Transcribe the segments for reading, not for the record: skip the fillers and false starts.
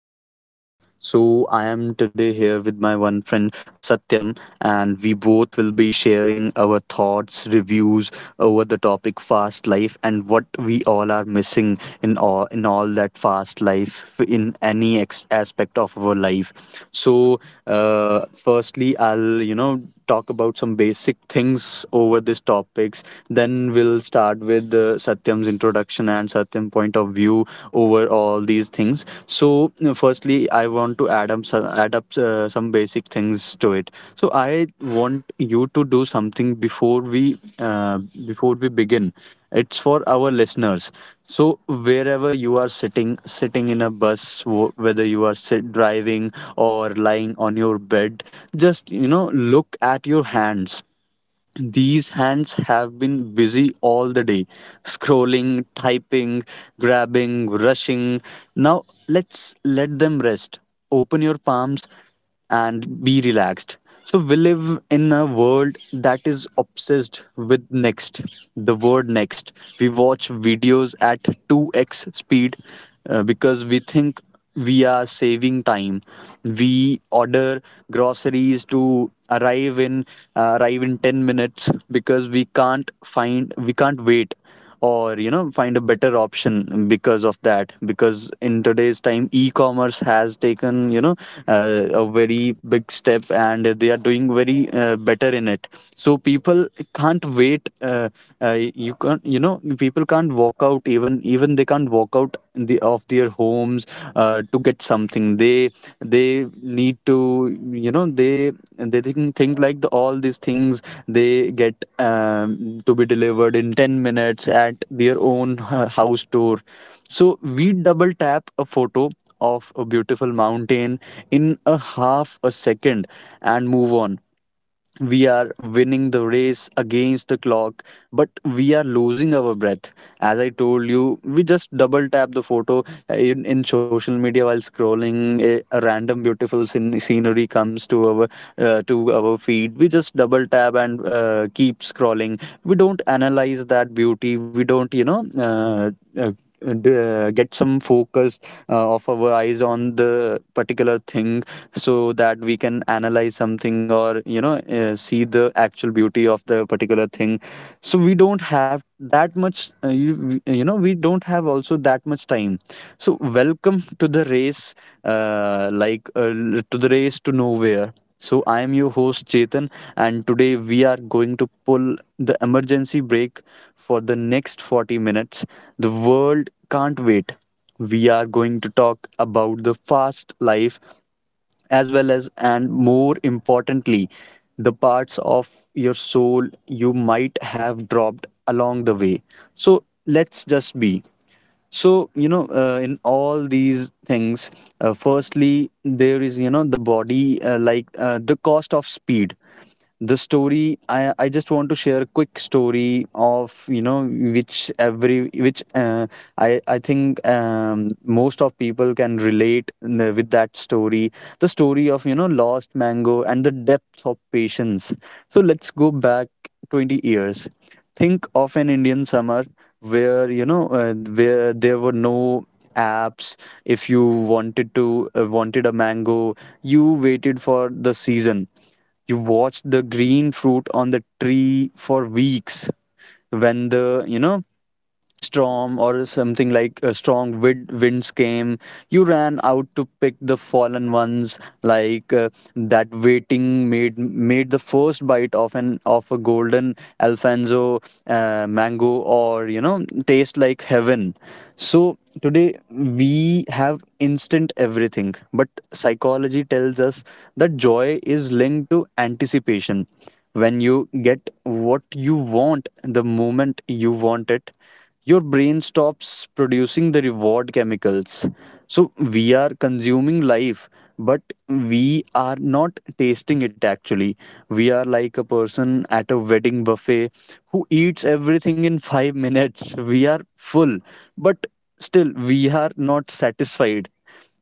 our podcast. So, I am today here with my one friend Satyam, and we both will be sharing our thoughts, reviews over the topic fast life and what we all are missing in all that fast life in any aspect of our life. So, uh, firstly, I'll talk about some basic things over these topics. Then we'll start with Satyam's introduction and Satyam point of view over all these things. So, firstly, I want to add up some basic things to it. So, I want you to do something before we begin. It's for our listeners. So, wherever you are sitting in a bus, whether you are sit driving or lying on your bed, just look at your hands. These hands have been busy all the day, scrolling, typing, grabbing, rushing. Now let's let them rest. Open your palms and be relaxed. So, we live in a world that is obsessed with next, the word next. We watch videos at 2x speed because we think we are saving time. We order groceries to arrive in 10 minutes, because we can't wait or find a better option, because of that, because in today's time e-commerce has taken a very big step and they are doing very better in it. So people can't wait. You can't you know People can't walk out, even they can't walk out the of their homes to get something. They need to you know they think like all these things they get, to be delivered in 10 minutes at their own house door. So we double tap a photo of a beautiful mountain in a half a second and move on. We are winning the race against the clock, but we are losing our breath. As I told you, we just double tap the photo in social media. While scrolling, a random beautiful scenery comes to our, feed. We just double tap and keep scrolling. We don't analyze that beauty. We don't uh, get some focus of our eyes on the particular thing, so that we can analyze something or see the actual beauty of the particular thing. So we don't have that much. You know, we don't have also that much time. So welcome to the race, uh, like uh, to nowhere. So I am your host Chetan, and today we are going to pull the emergency brake for the next 40 minutes. The world can't wait. We are going to talk about the fast life, as well as, and more importantly, the parts of your soul you might have dropped along the way. So let's just be. So, in all these things, firstly, there is, the body, the cost of speed. The story, I just want to share a quick story of, you know which every which I think, most of people can relate with that story. The story of, lost mango and the depth of patience. So let's go back 20 years. Think of an Indian summer where, where there were no apps. If you wanted a mango, you waited for the season. You watch the green fruit on the tree for weeks. When the storm or something, like a strong winds came, you ran out to pick the fallen ones. That waiting made the first bite of an of a golden Alfonso mango, or taste like heaven. So today we have instant everything, but psychology tells us that joy is linked to anticipation. When you get what you want the moment you want it, your brain stops producing the reward chemicals. So we are consuming life, but we are not tasting it, actually. We are like a person at a wedding buffet who eats everything in 5 minutes. We are full, but still we are not satisfied.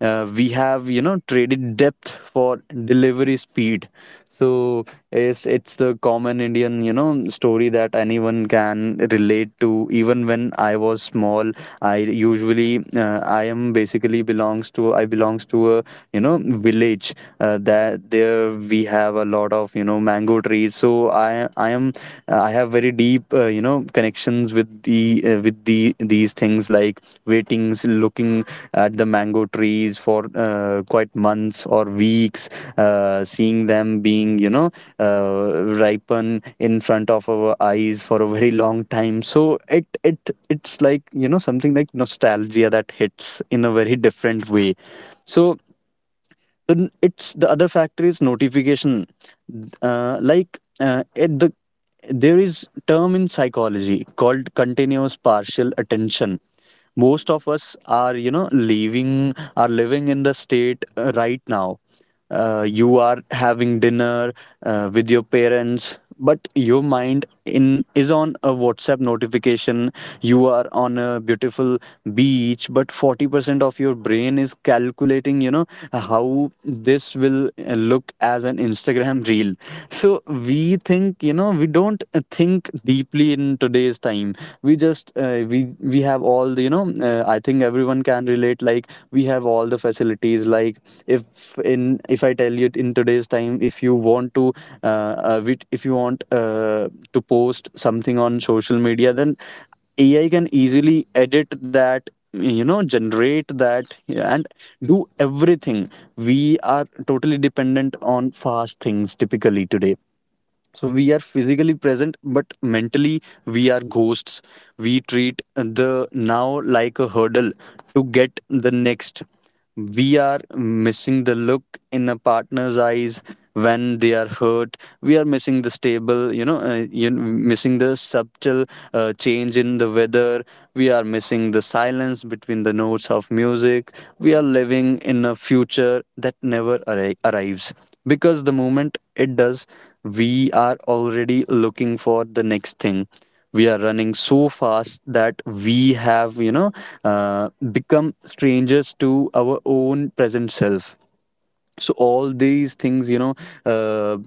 We have, traded depth for delivery speed. So it's the common Indian story that anyone can relate to. Even when I was small, I usually I am basically belongs to I belongs to a you know village. That there we have a lot of mango trees. So I have very deep, connections with the these things, like waitings, looking at the mango trees for quite months or weeks, seeing them being, ripen in front of our eyes for a very long time. So it's like, something like nostalgia that hits in a very different way. So then it's the other factor is notification. Like it, the There is term in psychology called continuous partial attention. Most of us are, you know leaving are living in the state right now. You are having dinner with your parents, but your mind in is on a WhatsApp notification. You are on a beautiful beach, but 40% of your brain is calculating, how this will look as an Instagram reel. So we think, we don't think deeply in today's time. We just we have all the, I think everyone can relate. Like, we have all the facilities. Like, if in if I tell you, in today's time, if you if you want to post something on social media, then AI can easily edit that, generate that, yeah, and do everything. We are totally dependent on fast things typically today. So we are physically present, but mentally we are ghosts. We treat the now like a hurdle to get the next. We are missing the look in a partner's eyes when they are hurt. We are missing the stable, you know, you missing the subtle change in the weather. We are missing the silence between the notes of music. We are living in a future that never arrives, because the moment it does, we are already looking for the next thing. We are running so fast that we have, uh, become strangers to our own present self. So all these things, uh,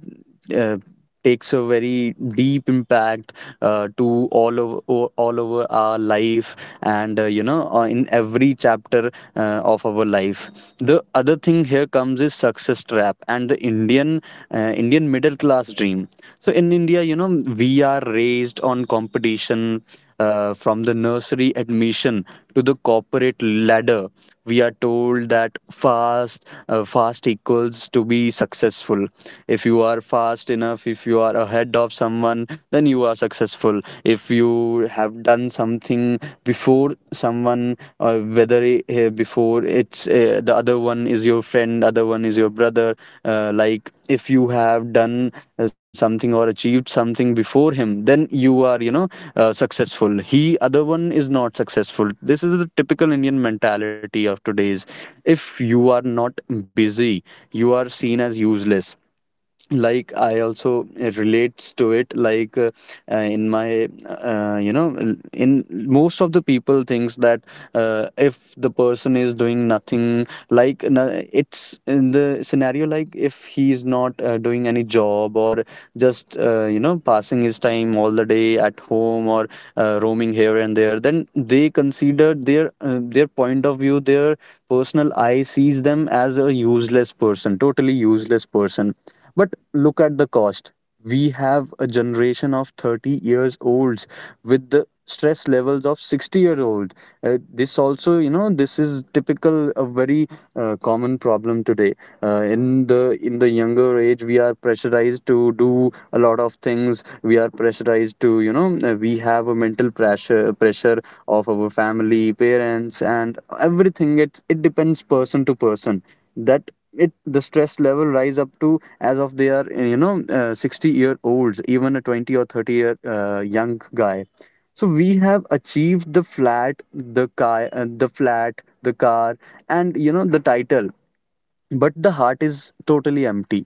uh, takes a very deep impact to all over, all over our life, and in every chapter of our life. The other thing here comes is success trap and the uh, indian middle class dream. So in India, we are raised on competition, from the nursery admission to the corporate ladder. We are told that fast equals to be successful. If you are fast enough, if you are ahead of someone, then you are successful. If you have done something before someone, whether before or it's the other one is your friend, other one is your brother. uh, like if you have done something or achieved something before him, then you are, successful. He, other one, is not successful. This is the typical Indian mentality of today's. If you are not busy, you are seen as useless. Like, I also, it relates to it. Like, in my, in most of the people thinks that, if the person is doing nothing, like, it's in the scenario, like, if he is not doing any job, or just passing his time all the day at home, or roaming here and there, then they consider their point of view. Their personal eye sees them as a useless person, totally useless person. But look at the cost. We have a generation of 30 years olds with the stress levels of 60-year-old. This also, this is typical a very common problem today. In the younger age, we are pressurized to do a lot of things. We are pressurized to, we have a mental pressure of our family, parents, and everything. It depends person to person. That it The stress level rise up to as of they are, 60-year olds, even a 20 or 30 year young guy. So we have achieved the flat, the car, and the title, but the heart is totally empty.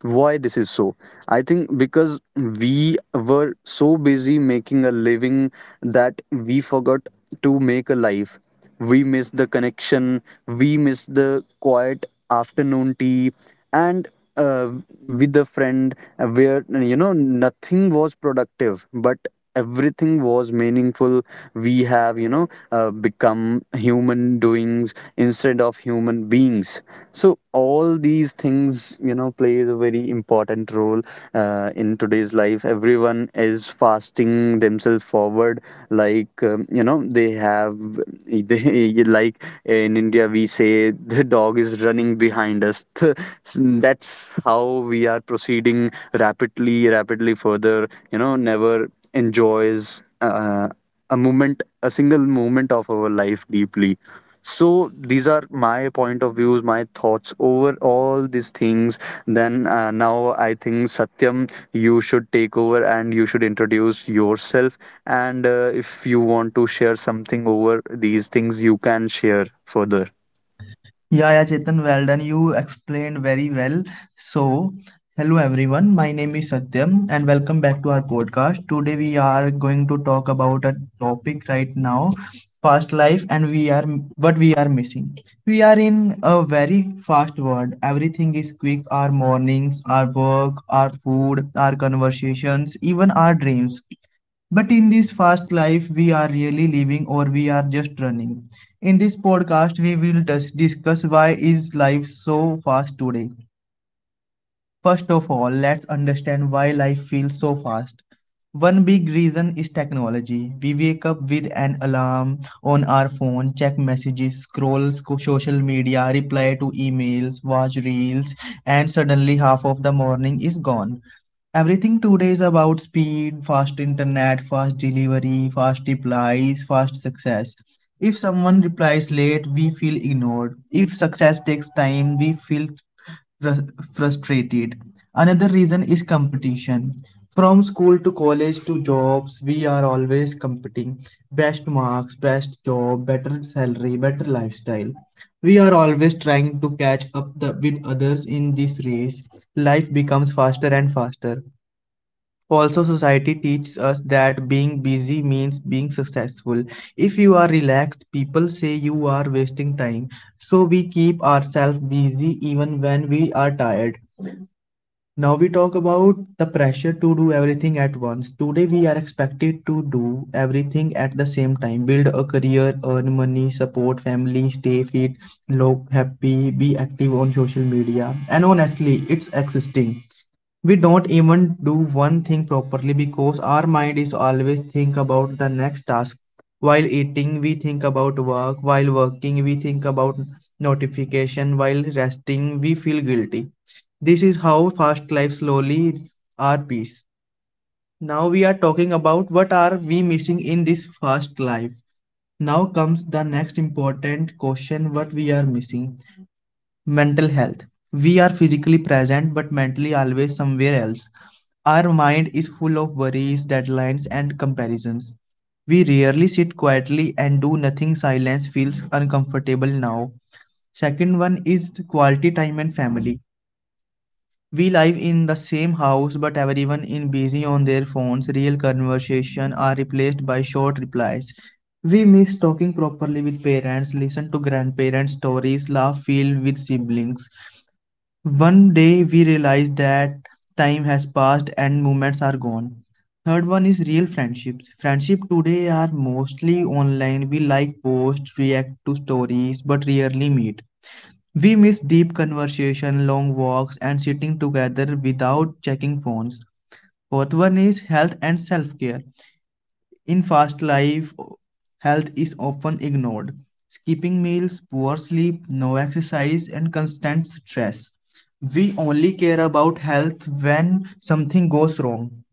Why this is so? I think because we were so busy making a living that we forgot to make a life. We missed the connection, we missed the quiet afternoon tea, and uh, with a friend where nothing was productive, but everything was meaningful. We have become human doings instead of human beings. So all these things plays a very important role in today's life. Everyone is fasting themselves forward, like they have they, like in India we say the dog is running behind us that's how we are proceeding rapidly rapidly further, never enjoys a moment, a single moment of our life deeply. So these are my point of views, my thoughts over all these things. Then Now I think, Satyam, you should take over and you should introduce yourself. And if you want to share something over these things, you can share further. Yeah, yeah, Chetan, well done. You explained very well. So, hello everyone. My name is Satyam and welcome back to our podcast. Today we are going to talk about a topic right now, fast life, and we are what we are missing. We are in a very fast world. Everything is quick, our mornings, our work, our food, our conversations, even our dreams. But in this fast life, we are really living or we are just running? In this podcast, we will discuss why is life so fast today. First of all, let's understand why life feels so fast. One big reason is technology. We wake up with an alarm on our phone, check messages, scroll social media, reply to emails, watch reels, and suddenly half of the morning is gone. Everything today is about speed, fast internet, fast delivery, fast replies, fast success. If someone replies late, we feel ignored. If success takes time, we feel frustrated. Another reason is competition. From school to college to jobs, we are always competing. Best marks, best job, better salary, better lifestyle. We are always trying to catch up with others in this race. Life becomes faster and faster. Also, society teaches us that being busy means being successful. If you are relaxed, people say you are wasting time. So, we keep ourselves busy even when we are tired. Now, we talk about the pressure to do everything at once. Today, we are expected to do everything at the same time: build a career, earn money, support family, stay fit, look happy, be active on social media. And honestly, it's exhausting. We don't even do one thing properly because our mind is always think about the next task. While eating, we think about work. While working, we think about notification. While resting, we feel guilty. This is how fast life slowly our peace. Now we are talking about what are we missing in this fast life. Now comes the next important question: what we are missing. Mental health. We are physically present, but mentally always somewhere else. Our mind is full of worries, deadlines, and comparisons. We rarely sit quietly and do nothing. Silence feels uncomfortable now. Second one is the quality time and family. We live in the same house, but everyone is busy on their phones. Real conversation are replaced by short replies. We miss talking properly with parents, listen to grandparents stories, laugh feel with siblings. One day we realize that time has passed and moments are gone. Third one is real friendships. Friendship today are mostly online. We like post, react to stories, but rarely meet. We miss deep conversation, long walks, and sitting together without checking phones. Fourth one is health and self care. In fast life, health is often ignored. Skipping meals, poor sleep, no exercise, and constant stress. We only care about health when something goes wrong.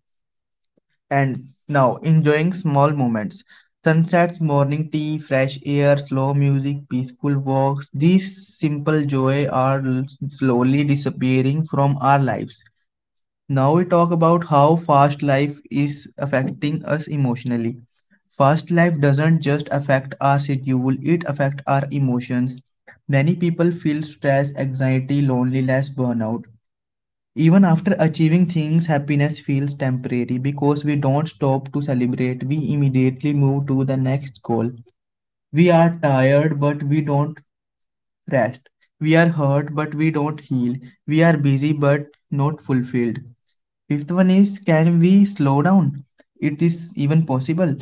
And now, enjoying small moments. Sunsets, morning tea, fresh air, slow music, peaceful walks. These simple joy are slowly disappearing from our lives. Now we talk about how fast life is affecting us emotionally. Fast life doesn't just affect our schedule, it affects our emotions. Many people feel stress, anxiety, loneliness, burnout. Even after achieving things, happiness feels temporary because we don't stop to celebrate. We immediately move to the next goal. We are tired, but we don't rest. We are hurt, but we don't heal. We are busy, but not fulfilled. Fifth one is, can we slow down? It is even possible.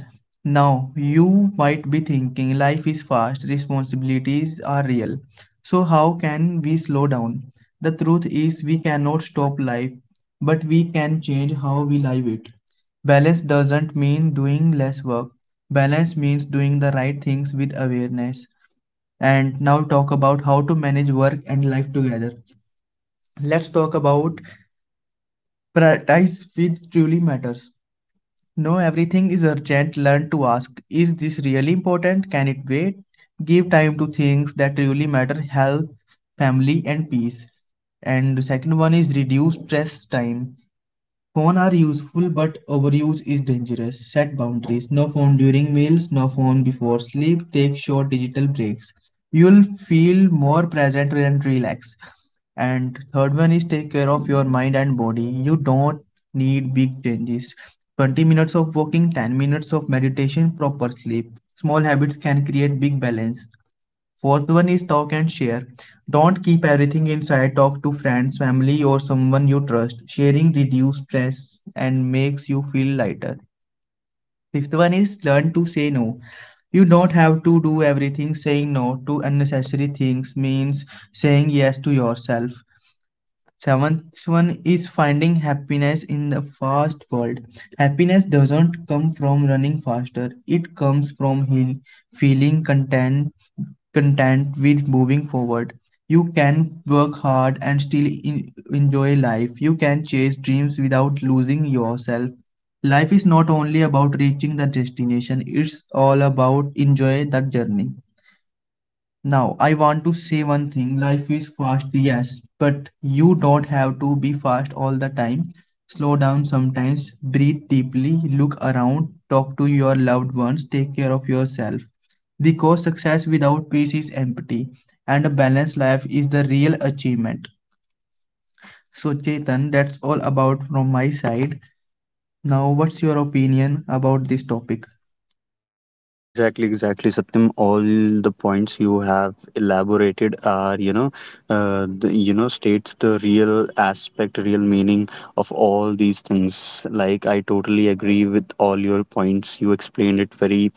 Now, you might be thinking life is fast, responsibilities are real. So, how can we slow down? The truth is, we cannot stop life, but we can change how we live it. Balance doesn't mean doing less work, balance means doing the right things with awareness. And now talk about how to manage work and life together. Let's talk about prioritize which truly matters. No, everything is urgent. Learn to ask, is this really important? Can it wait? Give time to things that truly matter: health, family, and peace. And the second one is reduce stress time. Phones are useful, but overuse is dangerous. Set boundaries. No phone during meals, no phone before sleep. Take short digital breaks. You'll feel more present and relaxed. And third one is take care of your mind and body. You don't need big changes. 20 minutes of walking, 10 minutes of meditation, proper sleep. Small habits can create big balance. Fourth one is talk and share. Don't keep everything inside. Talk to friends, family, or someone you trust. Sharing reduces stress and makes you feel lighter. Fifth one is learn to say no. You don't have to do everything. Saying no to unnecessary things means saying yes to yourself. Seventh one is finding happiness in the fast world. Happiness doesn't come from running faster, it comes from feeling content with moving forward. You can work hard and still in- enjoy life. You can chase dreams without losing yourself. Life is not only about reaching the destination, it's all about enjoy the journey. Now, I want to say one thing. Life is fast, yes, but you don't have to be fast all the time. Slow down sometimes, breathe deeply, look around, talk to your loved ones, take care of yourself. Because success without peace is empty, and a balanced life is the real achievement. So, Chetan, that's all about from my side. Now, what's your opinion about this topic? Exactly, exactly, Satyam. All the points you have elaborated are, you know, the, you know, states the real aspect, real meaning of all these things. Like, I totally agree with all your points. You explained it very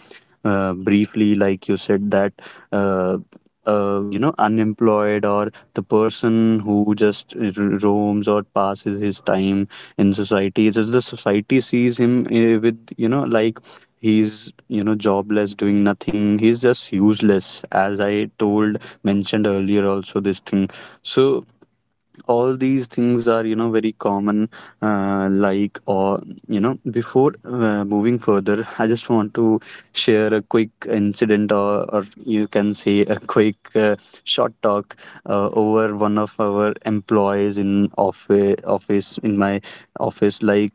briefly, like you said that. Uh, you know, unemployed or the person who just roams or passes his time in society, just the society sees him with, you know, like he's, you know, jobless, doing nothing, he's just useless, as I told mentioned earlier also, this thing. So all these things are, you know, very common, like. Or, you know, before moving further, I just want to share a quick incident, or you can say a quick short talk over one of our employees in office office, in my office. Like,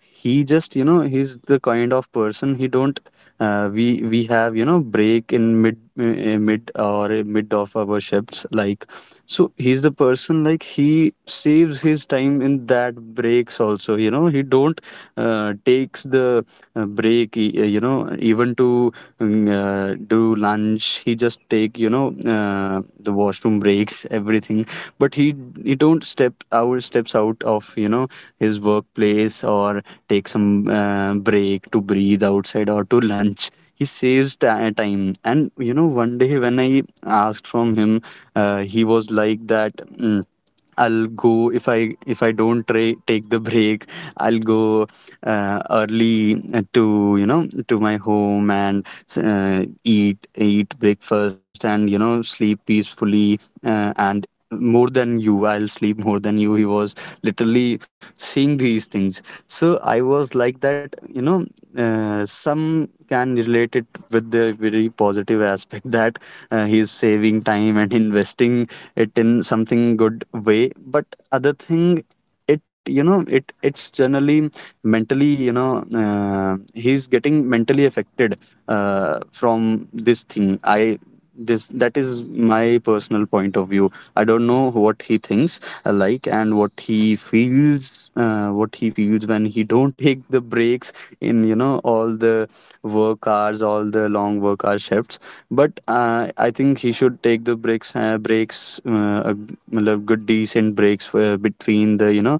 he just, you know, he's the kind of person, he don't we have, you know, break in mid mid or mid of our shifts, like. So he's the person, like, he saves his time in that breaks also, you know, he don't takes the break, you know, even to do lunch. He just take, you know, the washroom breaks, everything, but he don't steps out of, you know, his workplace or take some break to breathe outside or to lunch. He saves time, and you know, one day when I asked from him, he was like that, "Mm, I'll go if I don't take the break. I'll go early to, you know, to my home and eat breakfast and, you know, sleep peacefully, and more than you, I'll sleep more than you." He was literally seeing these things. So I was like that. You know, some can relate it with their, a very positive aspect, that he is saving time and investing it in something good way. But other thing, it, you know, it's generally, mentally, you know, he's getting mentally affected from this thing. I, this that is my personal point of view. I don't know what he thinks, like, and what he feels, what he feels when he don't take the breaks in, you know, all the work hours, all the long work hour shifts. But I think he should take the breaks, matlab good decent breaks for between the, you know,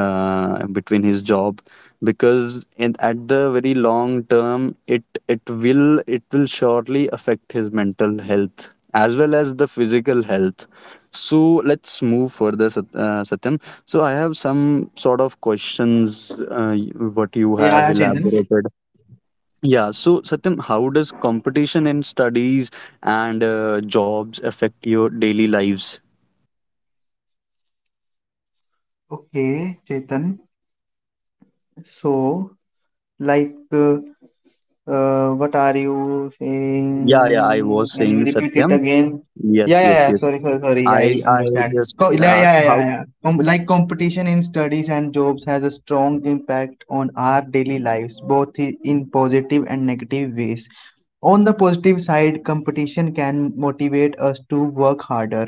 between his job. Because in, at the very long term, it will surely affect his mental health as well as the physical health. So let's move further, Satyam. So I have some sort of questions what you have Yeah, Chetan. elaborated. Yeah, so Satyam, how does competition in studies and jobs affect your daily lives? Okay, Chetan. So, like, what are you Yeah, yeah, I was saying? Can you saying, repeat it Satyam. again? Yes, Yeah, yeah, yes, yeah. yes. Sorry, sorry, sorry. i I I understand. just Yeah, yeah, asked yeah, how. yeah, yeah. Like competition in studies and jobs has a strong impact on our daily lives, both in positive and negative ways. On the positive side, competition can motivate us to work harder,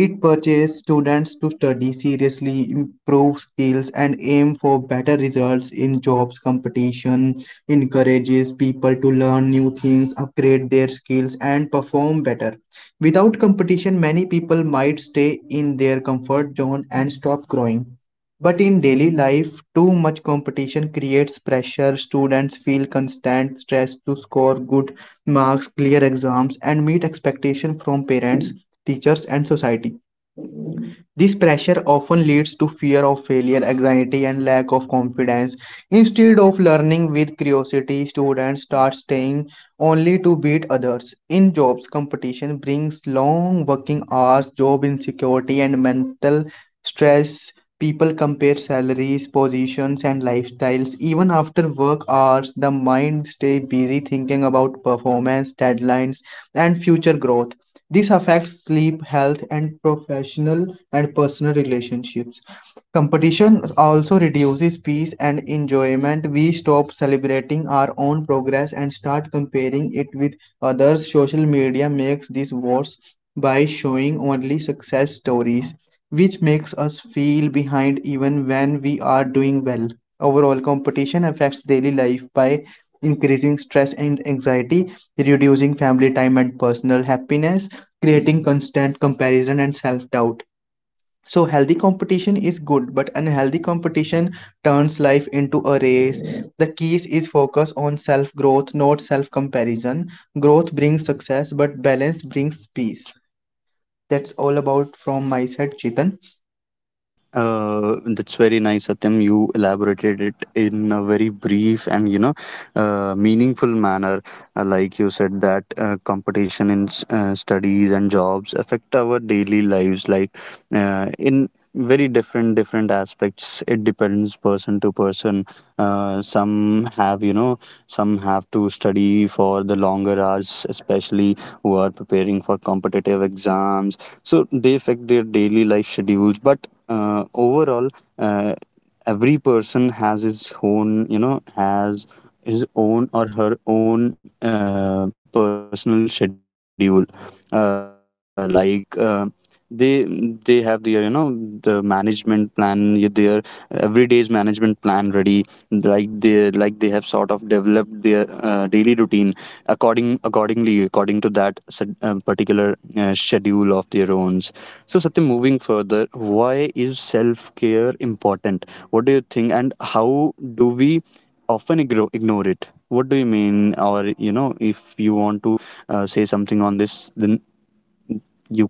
it purchase students to study seriously, improve skills, and aim for better results. In jobs, competition encourages people to learn new things, upgrade their skills, and perform better. Without competition, many people might stay in their comfort zone and stop growing. But in daily life, too much competition creates pressure. Students feel constant stress to score good marks, clear exams, and meet expectation from parents, teachers, and society. This pressure often leads to fear of failure, anxiety, and lack of confidence. Instead of learning with curiosity, students start staying only to beat others. In jobs, competition brings long working hours, job insecurity, and mental stress. People compare salaries, positions, and lifestyles. Even after work hours, the mind stays busy thinking about performance, deadlines, and future growth. This affects sleep, health, and professional and personal relationships. Competition also reduces peace and enjoyment. We stop celebrating our own progress and start comparing it with others. Social media makes this worse by showing only success stories, which makes us feel behind even when we are doing well. Overall, competition affects daily life by increasing stress and anxiety, reducing family time and personal happiness, creating constant comparison and self doubt. So healthy competition is good, but unhealthy competition turns life into a race. The keys is focus on self growth, not self comparison. Growth brings success, but balance brings peace. That's all about from my side, Chetan. That's very nice, Satyam. You elaborated it in a very brief and, you know, meaningful manner. Like you said, that competition in studies and jobs affect our daily lives, like, in very different aspects. It depends person to person. Some have, you know, some have to study for the longer hours, especially who are preparing for competitive exams, so they affect their daily life schedules. But overall, uh, every person has his own, you know, has his own or her own personal schedule, uh, like um, they they have their, you know, the management plan, their everyday's management plan ready. Like they, like they have sort of developed their daily routine according to that particular schedule of their own. So Satyam, moving further, why is self care important, what do you think, and how do we often ignore it? What do you mean? Or, you know, if you want to say something on this, then you can say.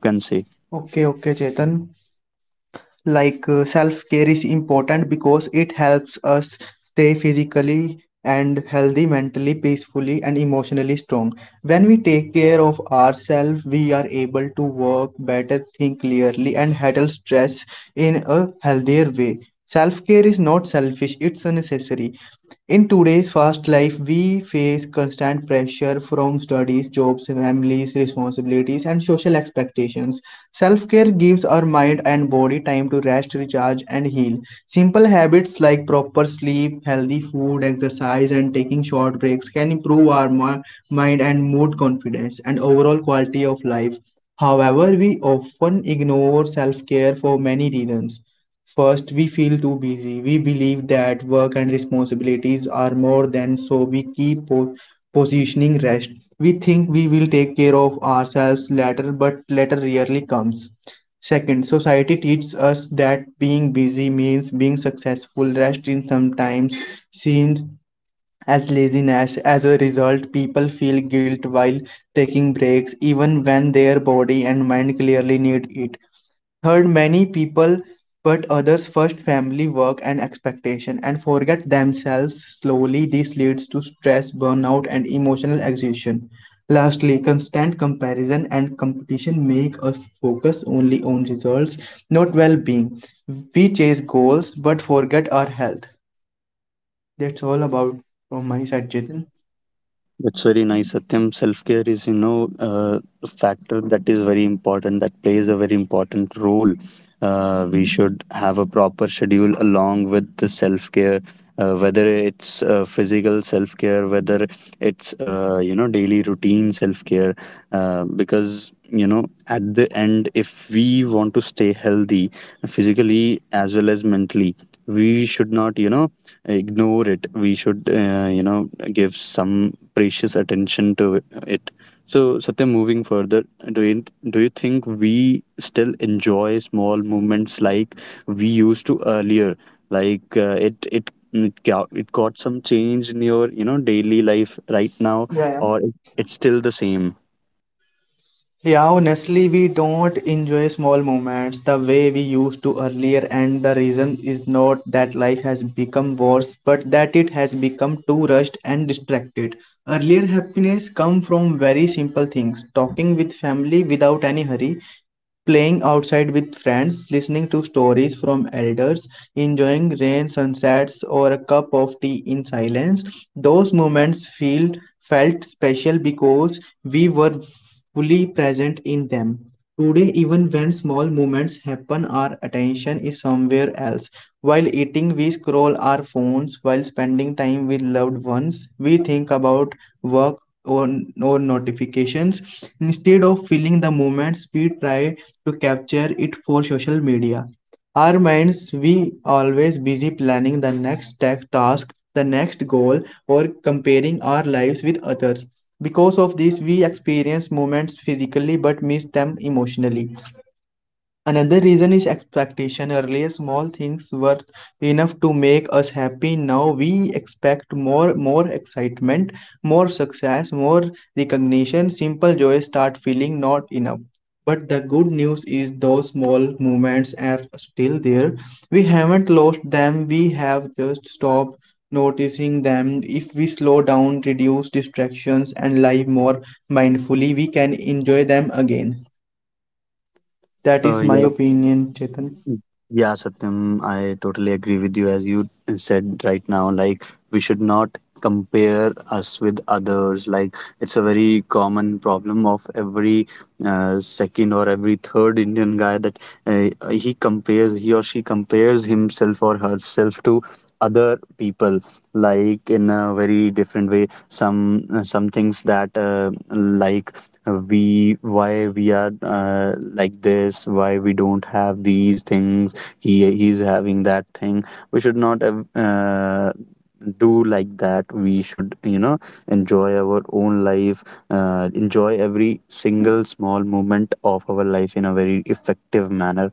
Okay, okay, Chetan. Like, self care is important because it helps us stay physically and healthy, mentally peacefully and emotionally strong. When we take care of ourselves, we are able to work better, think clearly, and handle stress in a healthier way. Self care is not selfish, it's a necessary. In today's fast life, we face constant pressure from studies, jobs, families, responsibilities, and social expectations. Self care gives our mind and body time to rest, recharge, and heal. Simple habits like proper sleep, healthy food, exercise, and taking short breaks can improve our mind and mood, confidence and overall quality of life. However, we often ignore self care for many reasons. First, we feel too busy. We believe that work and responsibilities are more than, so we keep positioning rest. We think we will take care of ourselves later, but later rarely comes. Second, society teaches us that being busy means being successful. Rest is sometimes seen as laziness. As a result, people feel guilt while taking breaks, even when their body and mind clearly need it. Third, many people put others first: family, work, and expectation, and forget themselves slowly. This leads to stress, burnout, and emotional exhaustion. Lastly, constant comparison and competition make us focus only on results, not well being. We chase goals but forget our health. That's all about from my side, Chetan. That's very nice, Satyam. Self care is, you know, a factor that is very important, that plays a very important role. We should have a proper schedule along with the self care, whether it's physical self care, whether it's, you know, daily routine self care. Because, you know, at the end, if we want to stay healthy physically as well as mentally, we should not, you know, ignore it. We should, you know, give some precious attention to it. So Satya, moving further, do you think we still enjoy small movements like we used to earlier? Like, it it got, it got some change in your, you know, daily life right now, Yeah, yeah. or it, it's still the same? Yeah, honestly, we don't enjoy small moments the way we used to earlier, and the reason is not that life has become worse, but that it has become too rushed and distracted. Earlier, happiness come from very simple things: talking with family without any hurry, playing outside with friends, listening to stories from elders, enjoying rain, sunsets, or a cup of tea in silence. Those moments feel felt special because we were fully present in them. Today, even when small moments happen, our attention is somewhere else. While eating, we scroll our phones. While spending time with loved ones, we think about work or, or notifications. Instead of feeling the moments, we try to capture it for social media. Our minds, we always busy planning the next tech task, the next goal, or comparing our lives with others. Because of this, we experience moments physically but miss them emotionally. Another reason is expectation. Earlier, small things were enough to make us happy. Now we expect more, more excitement, more success, more recognition. Simple joys start feeling not enough. But the good news is those small moments are still there. We haven't lost them. We have just stopped noticing them. If we slow down, reduce distractions, and live more mindfully, we can enjoy them again. That uh, is my yeah opinion, Chetan. Yeah, Satyam, I totally agree with you. As you said right now, like, we should not compare us with others. Like, it's a very common problem of every second or every third Indian guy that he or she compares himself or herself to other people, like in a very different way. Some, some things that, like, we, why we are, like this, why we don't have these things, he, he's having that thing. We should not, do like that. We should, you know, enjoy our own life, enjoy every single small moment of our life in a very effective manner.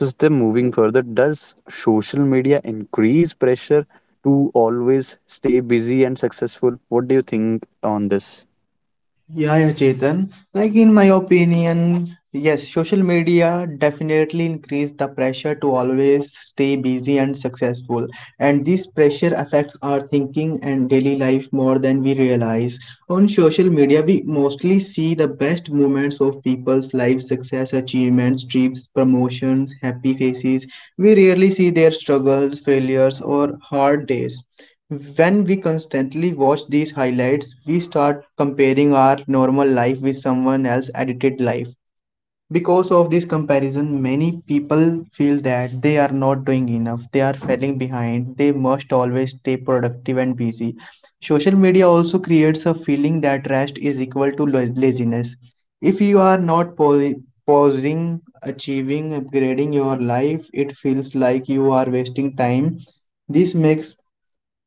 So still moving further, does social media increase pressure to always stay busy and successful? What do you think on this? Yeah, yeah, Chetan. Like in my opinion, yes, social media definitely increase the pressure to always stay busy and successful. And this pressure affects our thinking and daily life more than we realize. On social media, we mostly see the best moments of people's lives, success, achievements, trips, promotions, happy faces. We rarely see their struggles, failures, or hard days. When we constantly watch these highlights, we start comparing our normal life with someone else's edited life. Because of this comparison, many people feel that they are not doing enough, they are falling behind, they must always stay productive and busy. Social media also creates a feeling that rest is equal to laziness. If you are not pau- pausing, achieving, upgrading your life, it feels like you are wasting time. This makes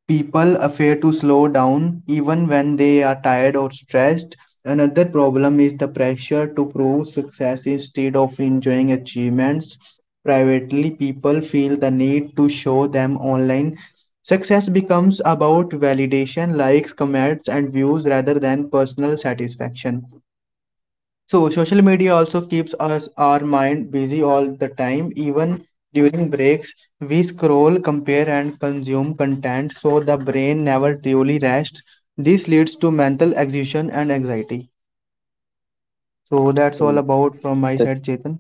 people afraid to slow down even when they are tired or stressed. Another problem is the pressure to prove success instead of enjoying achievements. Privately, people feel the need to show them online. Success becomes about validation, likes, comments, and views rather than personal satisfaction. So, social media also keeps us our mind busy all the time. Even during breaks, we scroll, compare, and consume content, so the brain never truly rests. This leads to mental exhaustion and anxiety. So that's all about from my side, Chetan.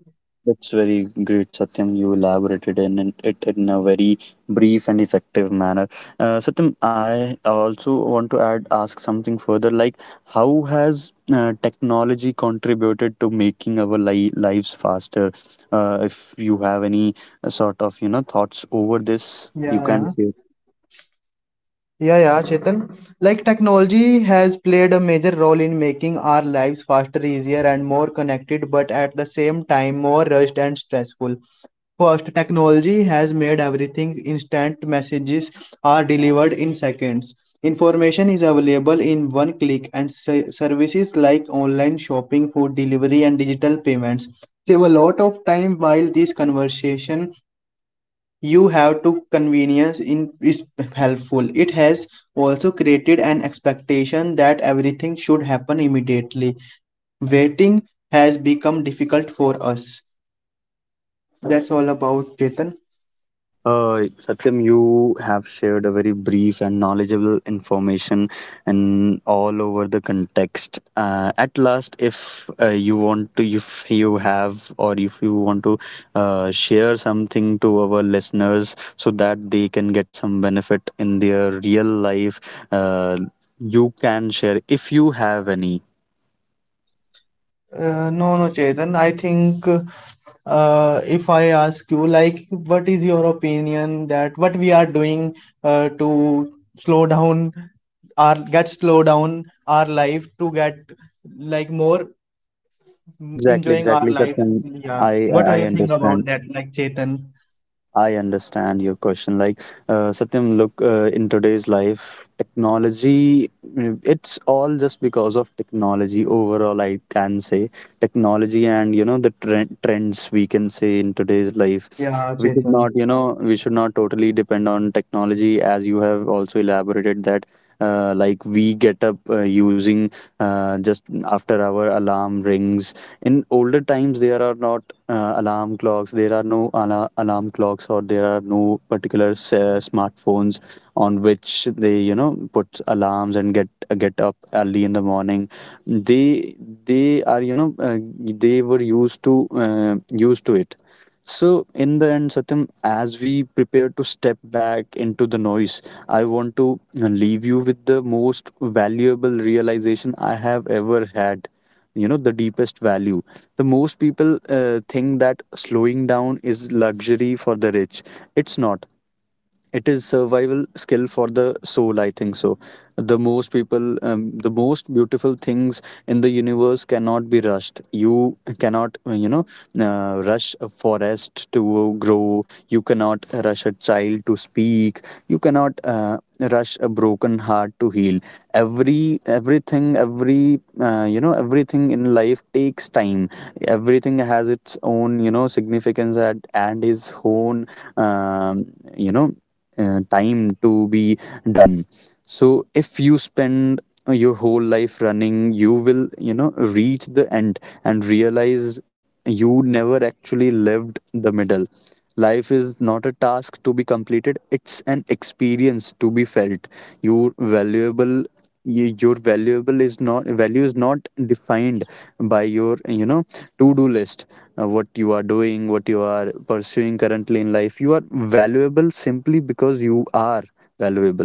That's very great, Satyam. You elaborated it in a very brief and effective manner. Satyam, I also want to add ask something further. Like, how has technology contributed to making our lives faster? If you have any sort of, you know, thoughts over this, you Yeah, can yeah. share. Yeah, yeah, Chetan. Like technology has played a major role in making our lives faster, easier, and more connected, but at the same time more rushed and stressful. First, technology has made everything instant. Messages are delivered in seconds. Information is available in one click, and services like online shopping, food delivery, and digital payments save a lot of time. While this conversation you have to convenience in is helpful, it has also created an expectation that everything should happen immediately. Waiting has become difficult for us. That's all about, Chetan. Satyam, you have shared a very brief and knowledgeable information and all over the context. At last, if you want to, if you have, or if you want to share something to our listeners so that they can get some benefit in their real life, you can share if you have any. No, no, Chetan. I think if I ask you, like, what is your opinion that what we are doing to slow down our get slow down our life to get like more Exactly, enjoying our exactly, life. Satyam. Yeah. What are I you think understand. about that? Like, Chetan. I understand your question. Like, Satyam, look, in today's life, technology, it's all just because of technology overall, I can say. Technology and, you know, the trends, we can say, in today's life. Yeah, We should Chetan. not, you know, we should not totally depend on technology, as you have also elaborated that, like, we get up using, just after our alarm rings. In older times, there are not alarm clocks, there are no alarm clocks, or there are no particular smartphones on which they, you know, put alarms and get up early in the morning. they they are, you know, they were used to, used to it. So in the end, Satyam, as we prepare to step back into the noise, I want to leave you with the most valuable realization I have ever had. You know, the deepest value, the most people think that slowing down is luxury for the rich. It's not. It is survival skill for the soul, I think so. The most beautiful things in the universe cannot be rushed. You cannot you know, rush a forest to grow. You cannot rush a child to speak. You cannot rush a broken heart to heal. Everything, every, you know, everything in life takes time. Everything has its own, you know, significance at and his own, um, you know, time to be done. So if you spend your whole life running, you will, you know, reach the end and realize you never actually lived the middle. Life is not a task to be completed, it's an experience to be felt. Your valuable y- your valuable is not value is not defined by your, you know, to do list, what you are doing, what you are pursuing currently in life. You are valuable simply because you are valuable.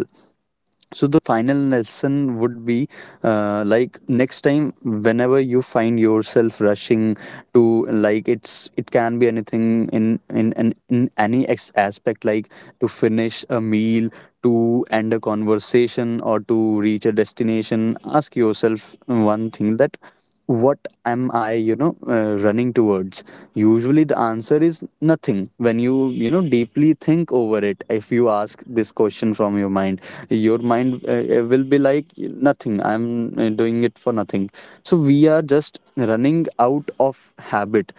So the final lesson would be, like, next time whenever you find yourself rushing to, like, it's it can be anything in any aspect, like to finish a meal, to end a conversation, or to reach a destination, ask yourself one thing, that what am I, you know, running towards. Usually the answer is nothing, when you know, deeply think over it. If you ask this question from your mind, your mind, will be like, nothing, I'm doing it for nothing. So we are just running out of habit,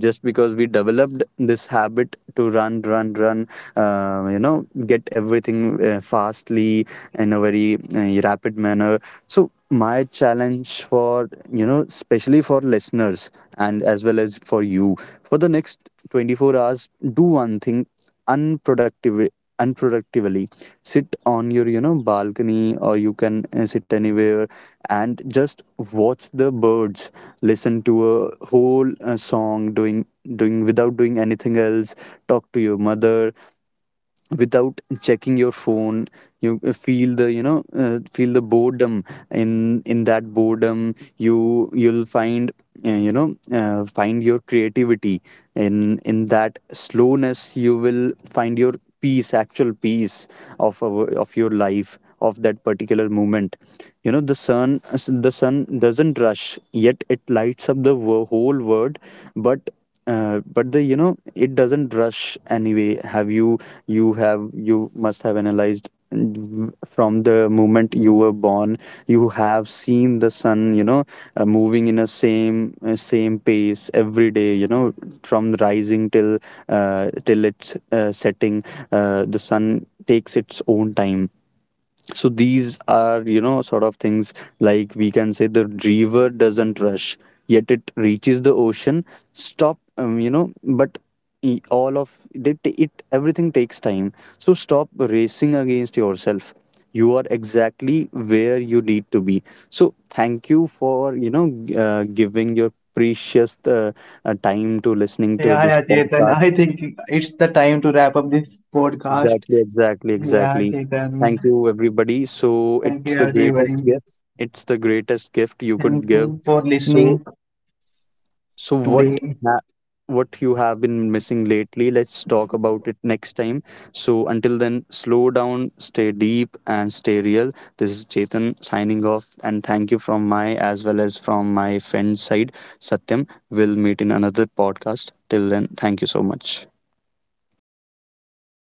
just because we developed this habit to run, run, run, you know, get everything fastly, in a very rapid manner. So my challenge for, you know, especially for listeners and as well as for you, for the next 24 hours, do one thing unproductive unproductively. Sit on your, you know, balcony, or you can sit anywhere, and just watch the birds, listen to a whole song, doing without doing anything else. Talk to your mother without checking your phone. You, feel the, you know, feel the boredom. In that boredom, you, you'll find, you know, find your creativity. In that slowness, you will find your peace actual peace of your life, of that particular moment. You know, the sun, the sun doesn't rush, yet it lights up the whole world. but but the, you know, it doesn't rush anyway. Have you, you have, you must have analyzed, from the moment you were born, you have seen the sun, you know, moving in a same pace every day. You know, from rising till till it's setting. The sun takes its own time. So these are, you know, sort of things, like, we can say, the river doesn't rush, yet it reaches the ocean. Stop You know, all of it, it, everything takes time. So stop racing against yourself. You are exactly where you need to be. So thank you for, you know, giving your precious, time to listening to Yeah, this yeah, Chetan. I podcast. think it's the time to wrap up this podcast. Exactly, exactly, Yeah, exactly. Chetan. Thank you, everybody. So Thank it's you, the greatest everybody. gift. It's the greatest gift you could Thank give. you for So, listening so what, today. ha what you have been missing lately? Let's talk about it next time. So until then, slow down, stay deep, and stay real. This is Chetan signing off, and thank you from my as well as from my friend's side, Satyam. We'll meet in another podcast. Till then, thank you so much. Thank you so much.